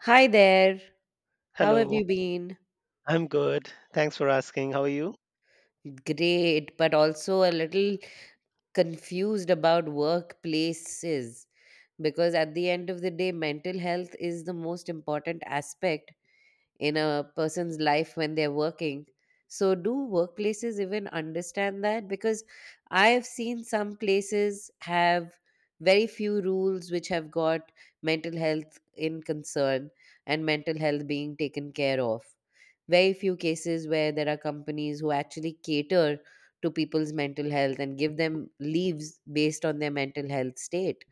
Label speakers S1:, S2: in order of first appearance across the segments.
S1: Hi there. How have you
S2: Hello,
S1: been?
S2: I'm good. Thanks for asking. How are you?
S1: Great, but also a little confused about workplaces because at the end of the day, mental health is the most important aspect in a person's life when they're working. So, do workplaces even understand that? Because I have seen some places have very few rules which have got mental health in concern and mental health being taken care of. Very few cases where there are companies who actually cater to people's mental health and give them leaves based on their mental health state.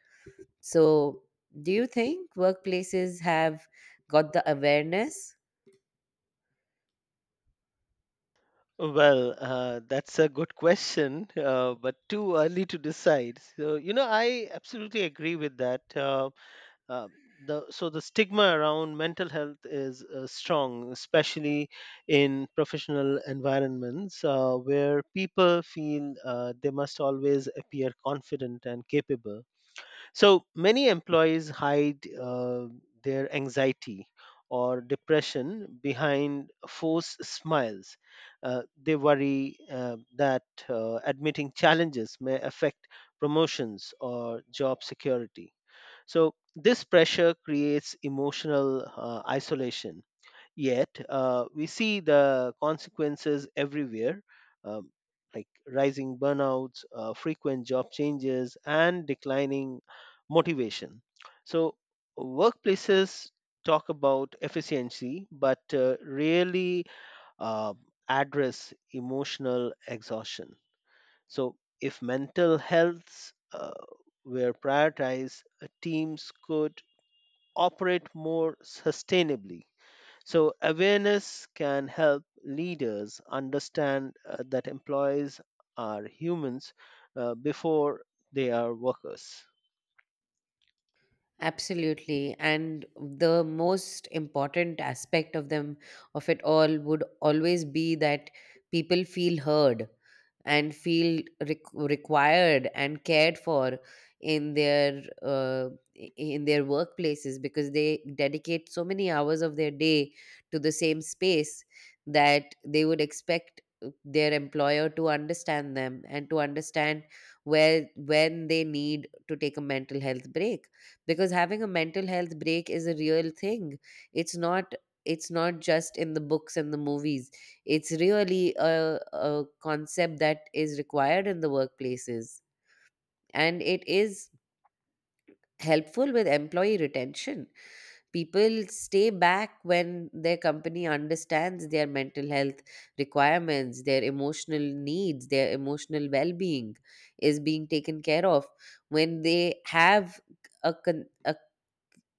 S1: So, do you think workplaces have got the awareness?
S2: Well, that's a good question, but too early to decide. So, you know, I absolutely agree with that. Uh, the stigma around mental health is strong, especially in professional environments where people feel they must always appear confident and capable. So many employees hide their anxiety or depression behind forced smiles. They worry that admitting challenges may affect promotions or job security. So this pressure creates emotional isolation. Yet we see the consequences everywhere, um, like rising burnouts, frequent job changes, and declining motivation. So workplaces talk about efficiency, but rarely uh, address emotional exhaustion. So if mental health were prioritized, teams could operate more sustainably. So, awareness can help leaders understand that employees are humans before they are workers.
S1: Absolutely. And the most important aspect of them, of it all, would always be that people feel heard and feel required and cared for in in their workplaces because they dedicate so many hours of their day to the same space that they would expect their employer to understand them and to understand where when they need to take a mental health break, because having a mental health break is a real thing. It's not, it's not just in the books and the movies. It's really a concept that is required in the workplaces, and it is helpful with employee retention. People stay back when their company understands their mental health requirements, their emotional needs, their emotional well-being is being taken care of. When they have a, con-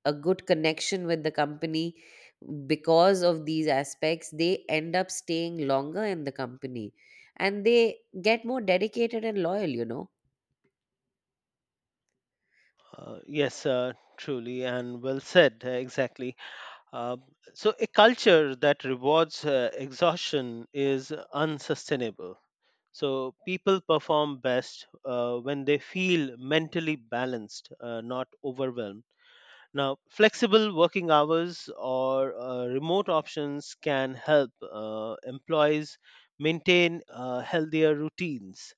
S1: a good connection with the company because of these aspects, they end up staying longer in the company, and they get more dedicated and loyal.
S2: Yes, truly, and well said, exactly. Uh, so, a culture that rewards exhaustion is unsustainable. So, people perform best when they feel mentally balanced, not overwhelmed. Now, flexible working hours or remote options can help employees maintain healthier routines.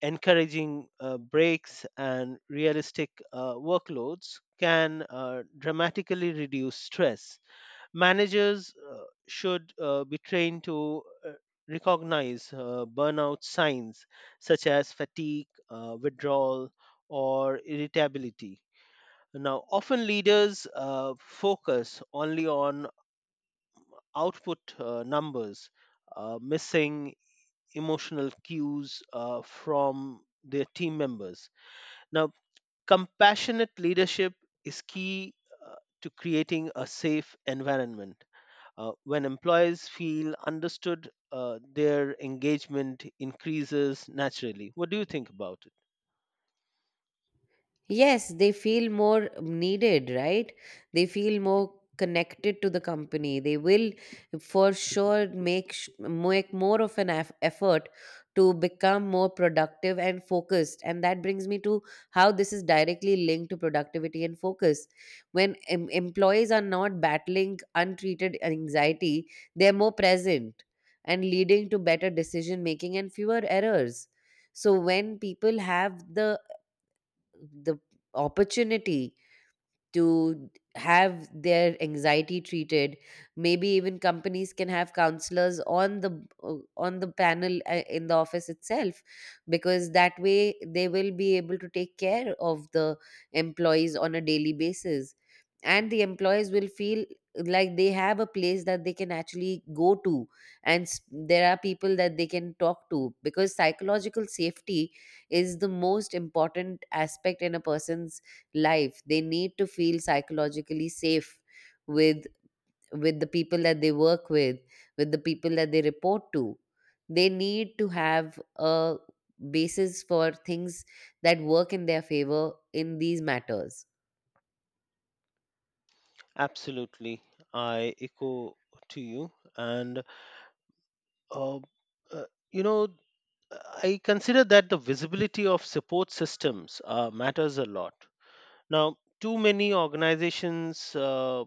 S2: Encouraging breaks and realistic workloads can dramatically reduce stress. Managers should be trained to uh, recognize burnout signs such as fatigue, withdrawal, or irritability. Now, often leaders focus only on output numbers, missing emotional cues from their team members. Now, compassionate leadership is key uh, to creating a safe environment. When employees feel understood, their engagement increases naturally. What do you think about it?
S1: Yes, they feel more needed, right? They feel more connected to the company. They will for sure make more of an effort to become more productive and focused. And that brings me to how this is directly linked to productivity and focus. When employees are not battling untreated anxiety, they're more present and leading to better decision making and fewer errors. So when people have the opportunity to have their anxiety treated, maybe even companies can have counselors on the panel in the office itself, because that way they will be able to take care of the employees on a daily basis, and the employees will feel like they have a place that they can actually go to, and there are people that they can talk to, because psychological safety is the most important aspect in a person's life. They need to feel psychologically safe with with the people that they work with the people that they report to. They need to have a basis for things that work in their favor in these matters.
S2: Absolutely. I echo to you. And Uh, uh, you know, I consider that the visibility of support systems matters a lot. Now, too many organizations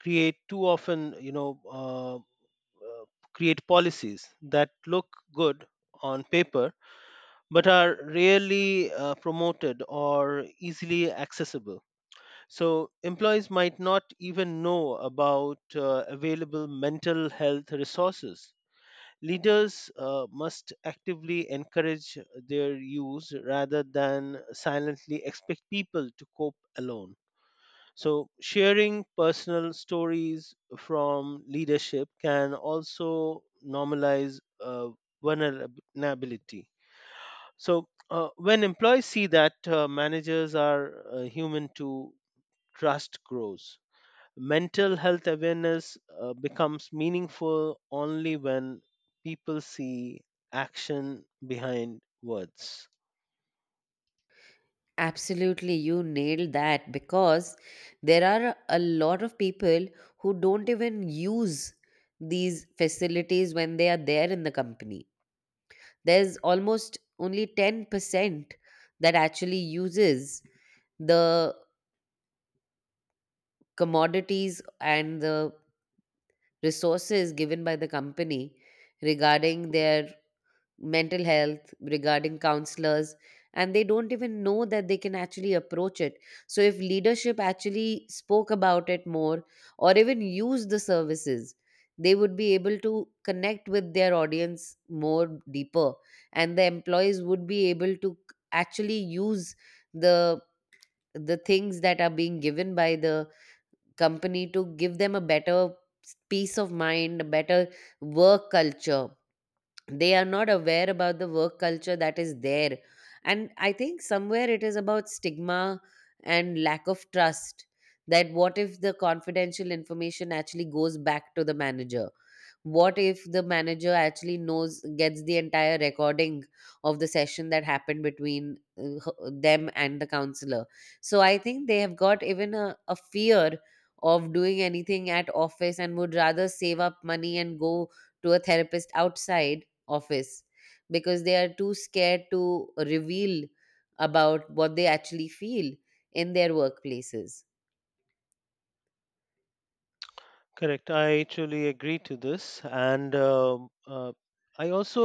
S2: create too often, you know, uh, create policies that look good on paper but are rarely promoted or easily accessible. So, employees might not even know about available mental health resources. Leaders must actively encourage their use rather than silently expect people to cope alone. So, sharing personal stories from leadership can also normalize vulnerability. So, when employees see that managers are human too, trust grows. Mental health awareness becomes meaningful only when people see action behind words.
S1: Absolutely, you nailed that, because there are a lot of people who don't even use these facilities when they are there in the company. There's almost only 10% that actually uses the commodities and the resources given by the company regarding their mental health, regarding counselors, and they don't even know that they can actually approach it. So if leadership actually spoke about it more, or even used the services, they would be able to connect with their audience more deeper, and the employees would be able to actually use the the things that are being given by the company to give them a better peace of mind, a better work culture. They are not aware about the work culture that is there, and I think somewhere it is about stigma and lack of trust, that what if the confidential information actually goes back to the manager, what if the manager actually knows, gets the entire recording of the session that happened between them and the counselor. So I think they have got even a fear of doing anything at office, and would rather save up money and go to a therapist outside office, because they are too scared to reveal about what they actually feel in their workplaces.
S2: Correct, I truly agree to this. And I also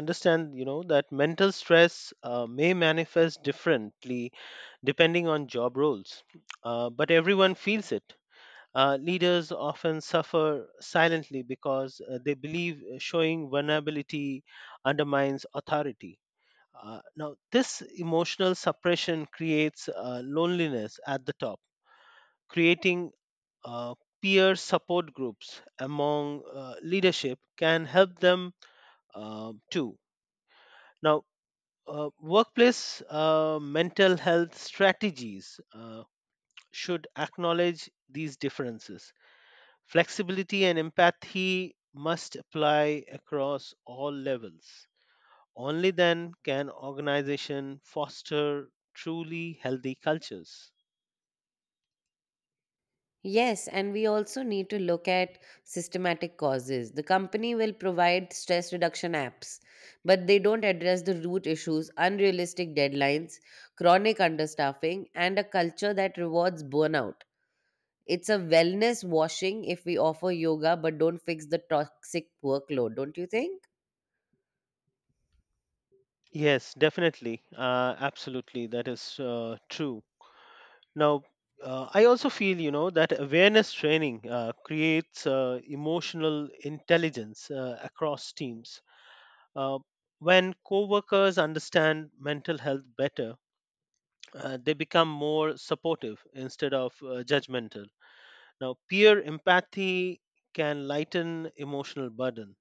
S2: understand, you know, that mental stress may manifest differently depending on job roles, but everyone feels it. Leaders often suffer silently because they believe showing vulnerability undermines authority. Now, this emotional suppression creates loneliness at the top, creating uh, peer support groups among leadership can help them too. Now, workplace mental health strategies should acknowledge these differences. Flexibility and empathy must apply across all levels. Only then can organization foster truly healthy cultures.
S1: Yes, and we also need to look at systematic causes. The company will provide stress reduction apps, but they don't address the root issues: unrealistic deadlines, chronic understaffing, and a culture that rewards burnout. It's a wellness washing if we offer yoga but don't fix the toxic workload, don't you think?
S2: Yes, definitely. Absolutely. That is true. Now, I also feel, you know, that awareness training creates emotional intelligence across teams. Uh, when coworkers understand mental health better, they become more supportive instead of judgmental. Now, peer empathy can lighten emotional burden.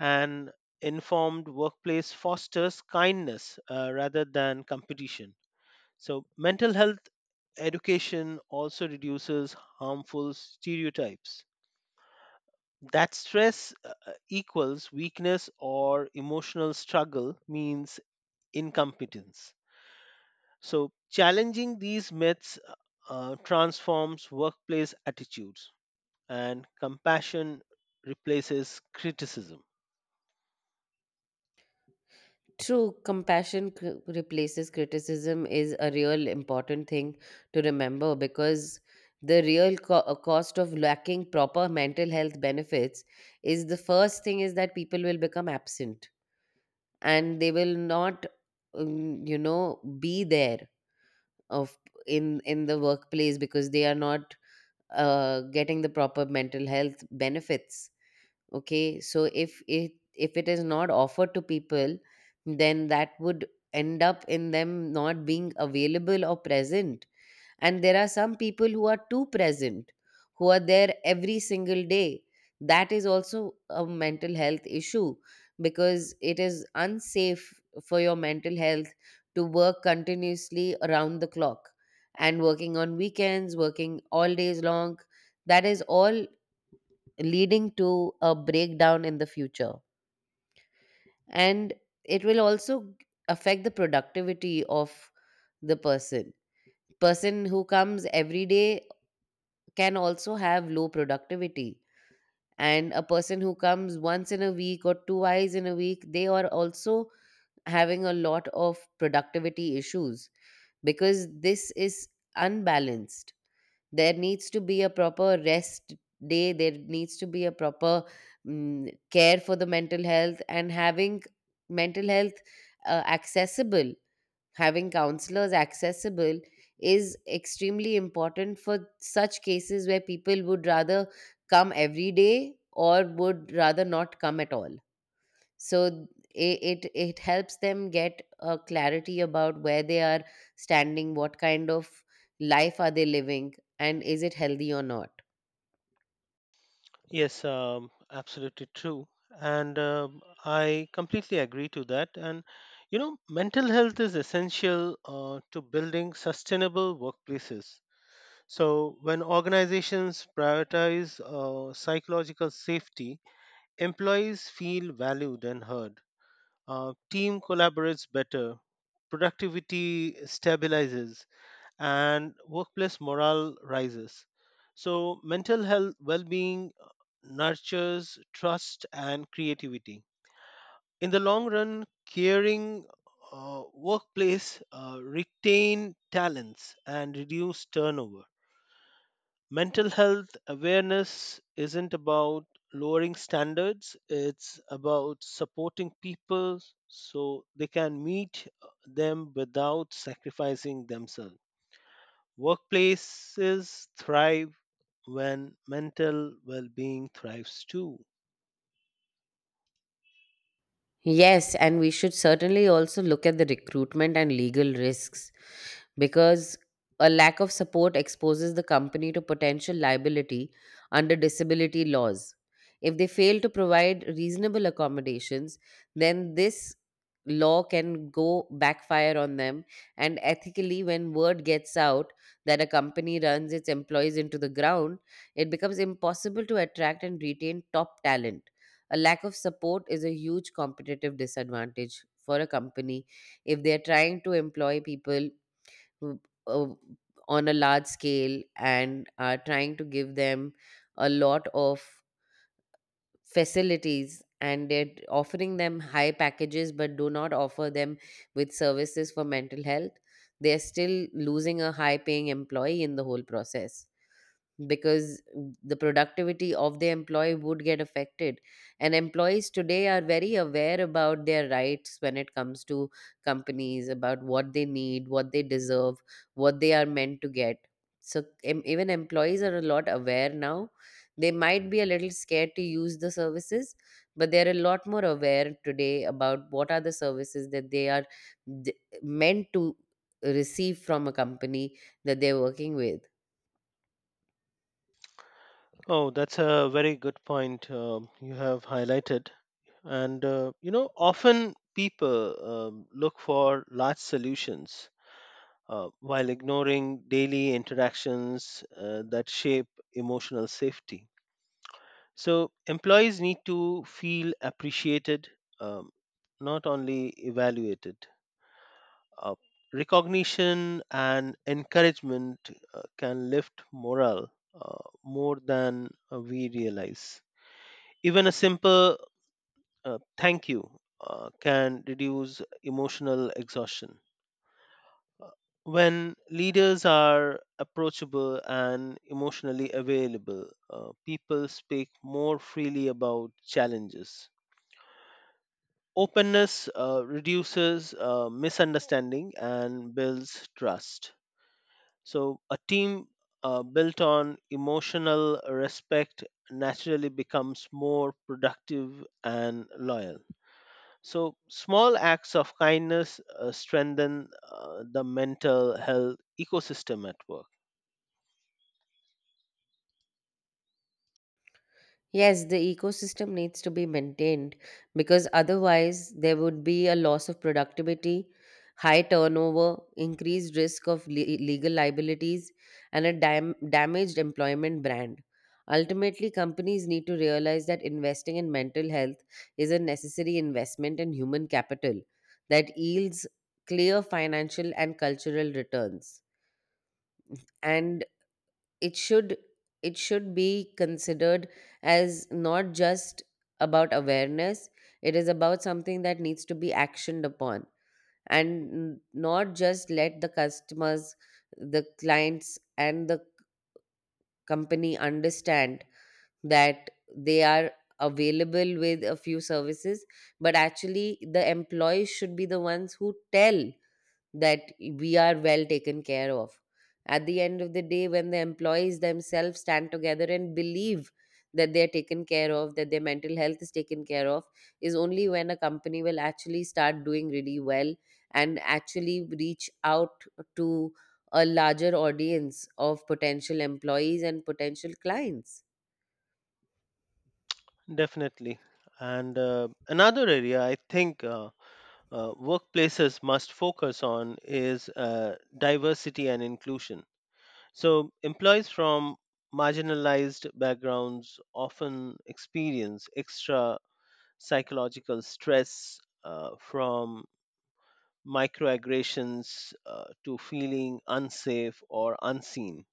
S2: An informed workplace fosters kindness rather than competition. So, mental health education also reduces harmful stereotypes. That stress equals weakness or emotional struggle means incompetence. So, challenging these myths transforms workplace attitudes and compassion replaces criticism.
S1: True, compassion replaces criticism is a real important thing to remember, because the real cost of lacking proper mental health benefits, is the first thing is that people will become absent and they will not, be there of in the workplace because they are not getting the proper mental health benefits. Okay, so if it, if it is not offered to people, then that would end up in them not being available or present. And there are some people who are too present, who are there every single day. That is also a mental health issue, because it is unsafe for your mental health to work continuously around the clock, and working on weekends, working all days long, that is all leading to a breakdown in the future. And it will also affect the productivity of the person. Person who comes every day can also have low productivity. And a person who comes once in a week or twice in a week, they are also having a lot of productivity issues, because this is unbalanced. There needs to be a proper rest day, there needs to be a proper care for the mental health, and having mental health accessible, having counselors accessible is extremely important for such cases where people would rather come every day or would rather not come at all. So it it helps them get a clarity about where they are standing, what kind of life are they living, and is it healthy or not.
S2: Yes, absolutely true. And I completely agree to that. And, you know, mental health is essential to building sustainable workplaces. So, when organizations prioritize psychological safety, employees feel valued and heard. Team collaborates better, productivity stabilizes, and workplace morale rises. So, mental health well being nurtures trust and creativity. In the long run, caring workplace retain talents and reduce turnover. Mental health awareness isn't about lowering standards, it's about supporting people so they can meet them without sacrificing themselves. Workplaces thrive when mental well-being thrives too.
S1: Yes, and we should certainly also look at the recruitment and legal risks, because a lack of support exposes the company to potential liability under disability laws. If they fail to provide reasonable accommodations, then this law can go backfire on them. And ethically, when word gets out that a company runs its employees into the ground, it becomes impossible to attract and retain top talent. A lack of support is a huge competitive disadvantage for a company if they are trying to employ people who, uh, on a large scale, and are trying to give them a lot of facilities, and they're offering them high packages but do not offer them with services for mental health, they're still losing a high paying employee in the whole process, because the productivity of the employee would get affected. And employees today are very aware about their rights when it comes to companies, about what they need, what they deserve, what they are meant to get. So even employees are a lot aware now. They might be a little scared to use the services, but they're a lot more aware today about what are the services that they are d- meant to receive from a company that they're working with.
S2: Oh, that's a very good point you have highlighted. And you know, often people look for large solutions while ignoring daily interactions that shape emotional safety. So, employees need to feel appreciated, um, not only evaluated. Uh, Recognition and encouragement can lift morale more than we realize. Even a simple thank you can reduce emotional exhaustion. When leaders are approachable and emotionally available, people speak more freely about challenges. Openness reduces misunderstanding and builds trust. So, a team built on emotional respect naturally becomes more productive and loyal. So, small acts of kindness strengthen the mental health ecosystem at work.
S1: Yes, the ecosystem needs to be maintained, because otherwise there would be a loss of productivity, high turnover, increased risk of legal liabilities, and a damaged employment brand. Ultimately, companies need to realize that investing in mental health is a necessary investment in human capital that yields clear financial and cultural returns. And it should, it should be considered as not just about awareness. It is about something that needs to be actioned upon, and not just let the customers, the clients and the company understand that they are available with a few services, but actually the employees should be the ones who tell that we are well taken care of. At the end of the day, when the employees themselves stand together and believe that they are taken care of, that their mental health is taken care of, is only when a company will actually start doing really well and actually reach out to a larger audience of potential employees and potential clients.
S2: Definitely. And another area I think workplaces must focus on is diversity and inclusion. So, employees from marginalized backgrounds often experience extra psychological stress from microaggressions to feeling unsafe or unseen.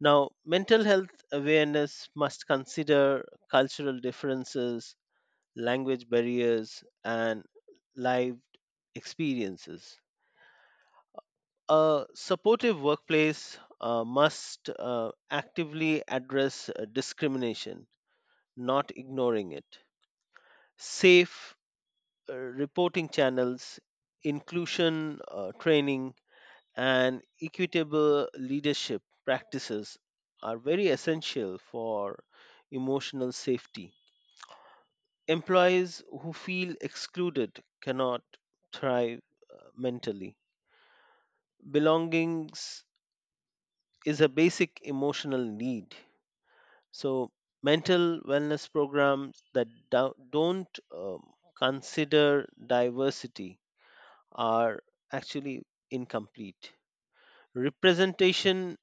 S2: Now, mental health awareness must consider cultural differences, language barriers, and lived experiences. A supportive workplace must actively address discrimination, not ignoring it. Safe reporting channels, inclusion training, and equitable leadership practices are very essential for emotional safety. Employees who feel excluded cannot thrive mentally. Belongings is a basic emotional need. So, mental wellness programs that don't um, consider diversity are actually incomplete. Representation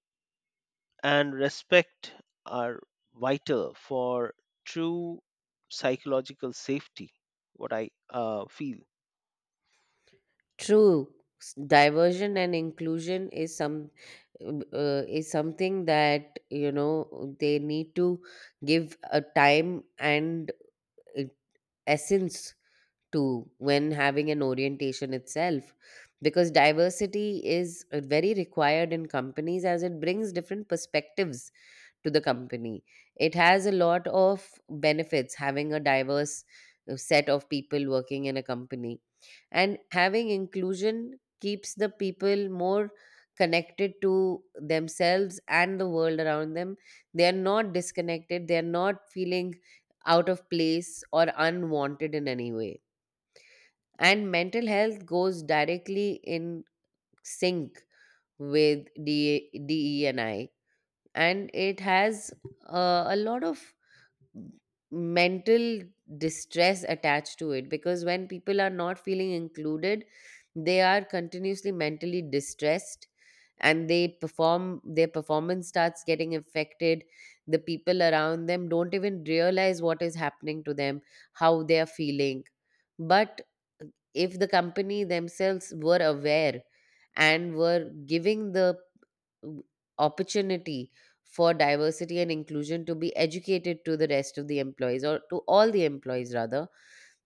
S2: and respect are vital for true psychological safety, what I feel.
S1: True, diversion and inclusion is something that you know they need to give a time and uh, essence to when having an orientation itself, because diversity is very required in companies as it brings different perspectives to the company. It has a lot of benefits having a diverse set of people working in a company, and having inclusion keeps the people more connected to themselves and the world around them. They are not disconnected, they are not feeling out of place or unwanted in any way. And mental health goes directly in sync with DE and I, and it has a lot of mental distress attached to it, because when people are not feeling included they are continuously mentally distressed and they perform their performance starts getting affected. The people around them don't even realize what is happening to them, how they are feeling. But uh, if the company themselves were aware and were giving the w- opportunity for diversity and inclusion to be educated to the rest of the employees, or to all the employees rather,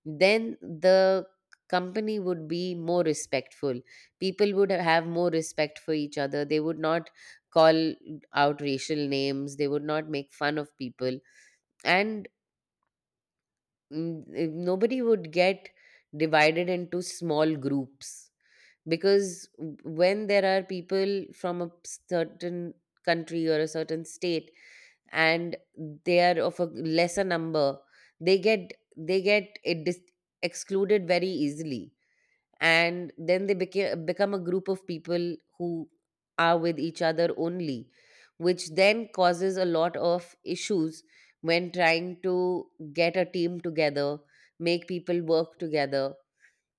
S1: then the company would be more respectful. People would have more respect for each other, they would not call out racial names, they would not make fun of people. And mm, nobody would get divided into small groups, because when there are people from a certain country or a certain state, and they are of a lesser number, they get, they get eh, dis- excluded very easily. And then they became become a group of people who are with each other only, which then causes a lot of issues when trying to get a team together, make people work together.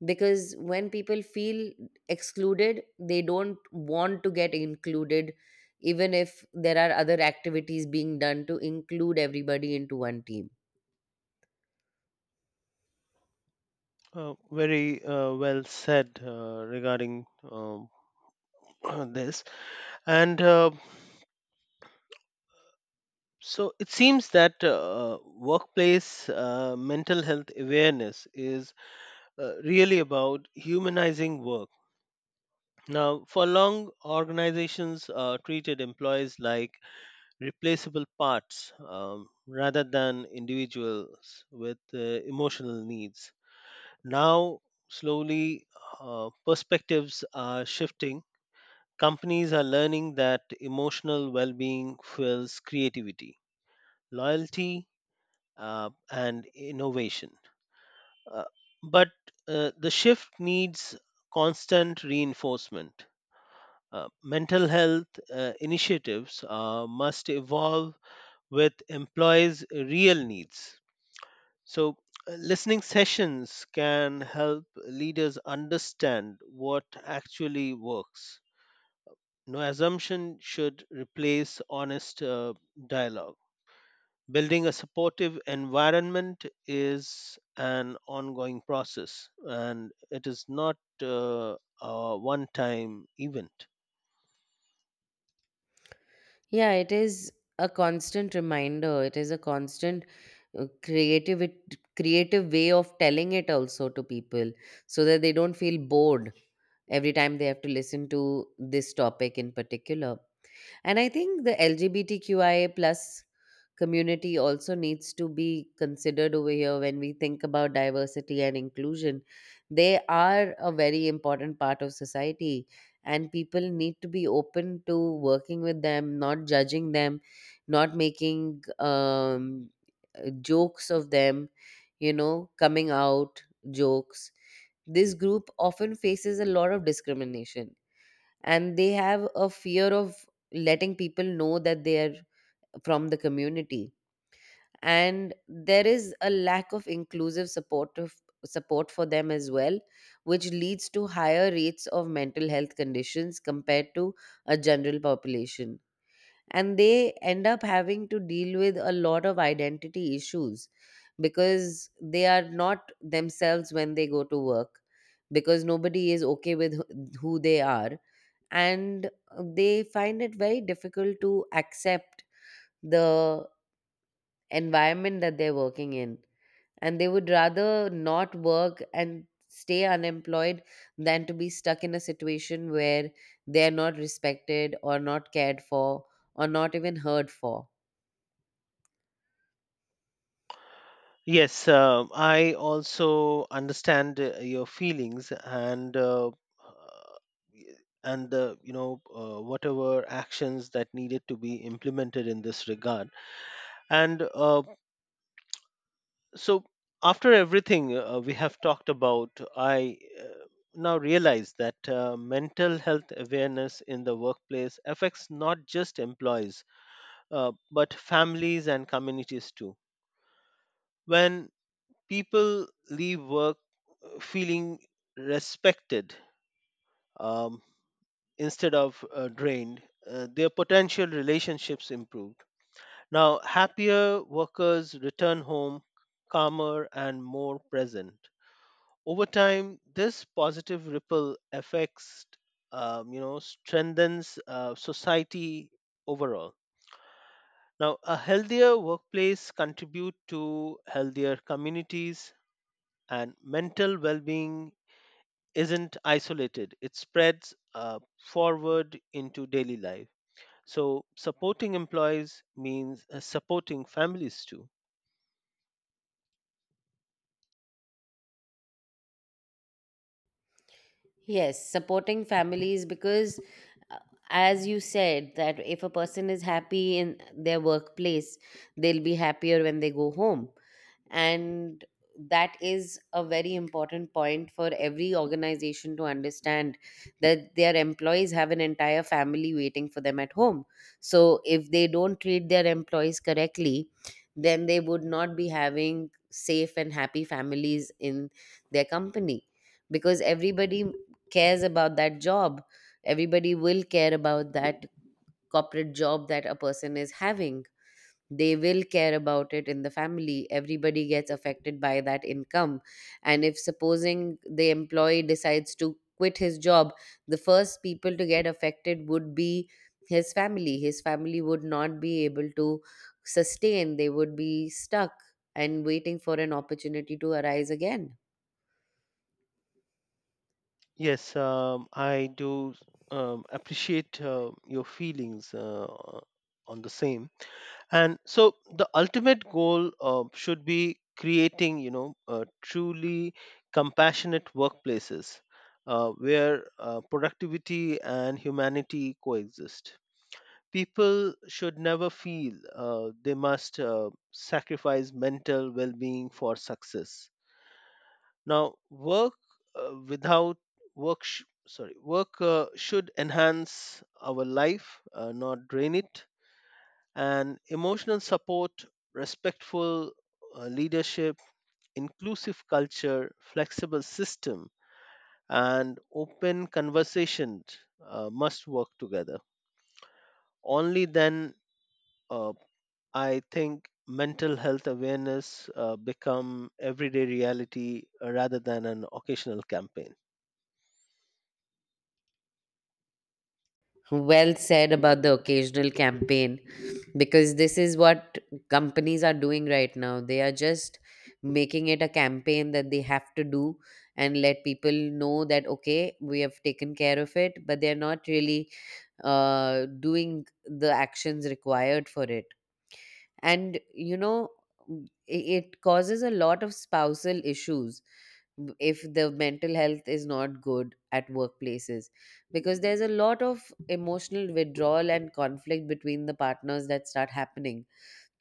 S1: Because when people feel excluded, they don't want to get included, even if there are other activities being done to include everybody into one team.
S2: Very well said regarding this. And so it seems that workplace mental health awareness is really about humanizing work. Now, for long, organizations treated employees like replaceable parts rather than individuals with emotional needs. Now, slowly, perspectives are shifting. Companies are learning that emotional well being fuels creativity, loyalty, and innovation. Uh, but the shift needs constant reinforcement. Mental health initiatives must evolve with employees' real needs. So, listening sessions can help leaders understand what actually works. No assumption should replace honest dialogue. Building a supportive environment is an ongoing process and it is not uh, a one time event.
S1: Yeah, it is a constant reminder. It is a constant creative way of telling it also to people, so that they don't feel bored every time they have to listen to this topic in particular. And I think the LGBTQIA plus community also needs to be considered over here when we think about diversity and inclusion. They are a very important part of society, and people need to be open to working with them, not judging them, not making jokes of them, you know, coming out jokes. This group often faces a lot of discrimination, and they have a fear of letting people know that they are from the community. And there is a lack of inclusive supportive support for them as well, which leads to higher rates of mental health conditions compared to a general population. And they end up having to deal with a lot of identity issues because they are not themselves when they go to work, because nobody is okay with who they are. And they find it very difficult to accept the environment that they're working in, and they would rather not work and stay unemployed than to be stuck in a situation where they're not respected or not cared for or not even heard for.
S2: Yes, I also understand your feelings and y- and the you know, whatever actions that needed to be implemented in this regard. And so after everything we have talked about, I now realize that mental health awareness in the workplace affects not just employees but families and communities too. When people leave work feeling respected, um, instead of drained, their potential relationships improved. Now, happier workers return home calmer and more present. Over time, this positive ripple effects, you know, strengthens society overall. Now, a healthier workplace contribute to healthier communities and mental well-being isn't isolated, it spreads forward into daily life. So, supporting employees means supporting families too.
S1: Yes, supporting families, because, uh, as you said, that if a person is happy in their workplace, they'll be happier when they go home. And that is a very important point for every organization to understand, that their employees have an entire family waiting for them at home. So if they don't treat their employees correctly, then they would not be having safe and happy families in their company. Because everybody cares about that job, everybody will care about that corporate job that a person is having. They will care about it in the family, everybody gets affected by that income. And if supposing the employee decides to quit his job, the first people to get affected would be his family. His family would not be able to sustain, they would be stuck and waiting for an opportunity to arise again.
S2: Yes, I do appreciate your feelings on the same. And so, the ultimate goal should be creating, you know, truly compassionate workplaces where productivity and humanity coexist. People should never feel they must sacrifice mental well-being for success. Now, work without work, sh- sorry, work should enhance our life, not drain it. And emotional support, respectful leadership, inclusive culture, flexible system, and open conversation must work together. Only then uh, I think mental health awareness become everyday reality rather than an occasional campaign.
S1: Well said about the occasional campaign, because this is what companies are doing right now. They are just making it a campaign that they have to do and let people know that, okay, we have taken care of it, but they're not really doing the actions required for it. And you know, it causes a lot of spousal issues if the mental health is not good at workplaces, because there's a lot of emotional withdrawal and conflict between the partners that start happening.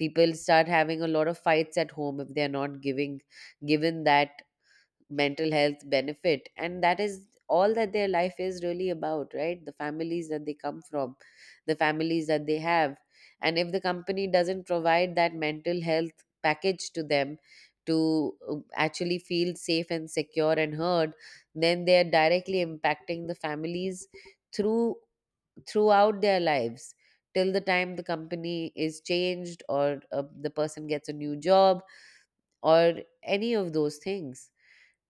S1: People start having a lot of fights at home if they're not giving given that mental health benefit. And that is all that their life is really about, right? The families that they come from, the families that they have. And if the company doesn't provide that mental health package to them, to actually feel safe and secure and heard, then they are directly impacting the families through throughout their lives, till the time the company is changed or the person gets a new job, or any of those things.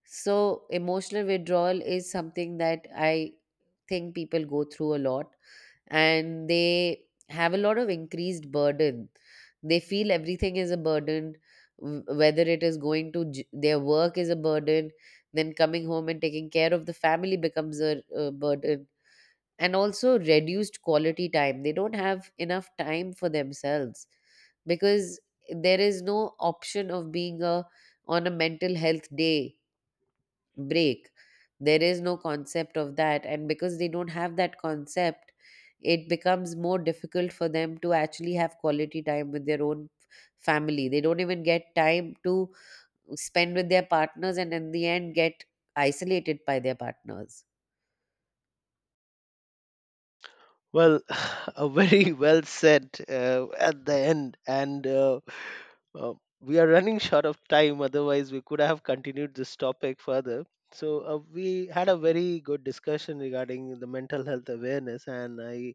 S1: So, emotional withdrawal is something that I think people go through a lot, and they have a lot of increased burden. They feel everything is a burden, whether it is their work is a burden, then coming home and taking care of the family becomes a burden. And also reduced quality time. They don't have enough time for themselves, because there is no option of being a on a mental health day break. There is no concept of that, and because they don't have that concept, it becomes more difficult for them to actually have quality time with their own family. They don't even get time to spend with their partners, and in the end, get isolated by their partners.
S2: Well, a very well said at the end, and uh, we are running short of time. Otherwise, we could have continued this topic further. So we had a very good discussion regarding the mental health awareness, and I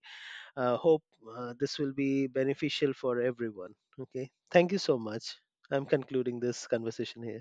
S2: hope this will be beneficial for everyone. Okay, thank you so much. I'm concluding this conversation here.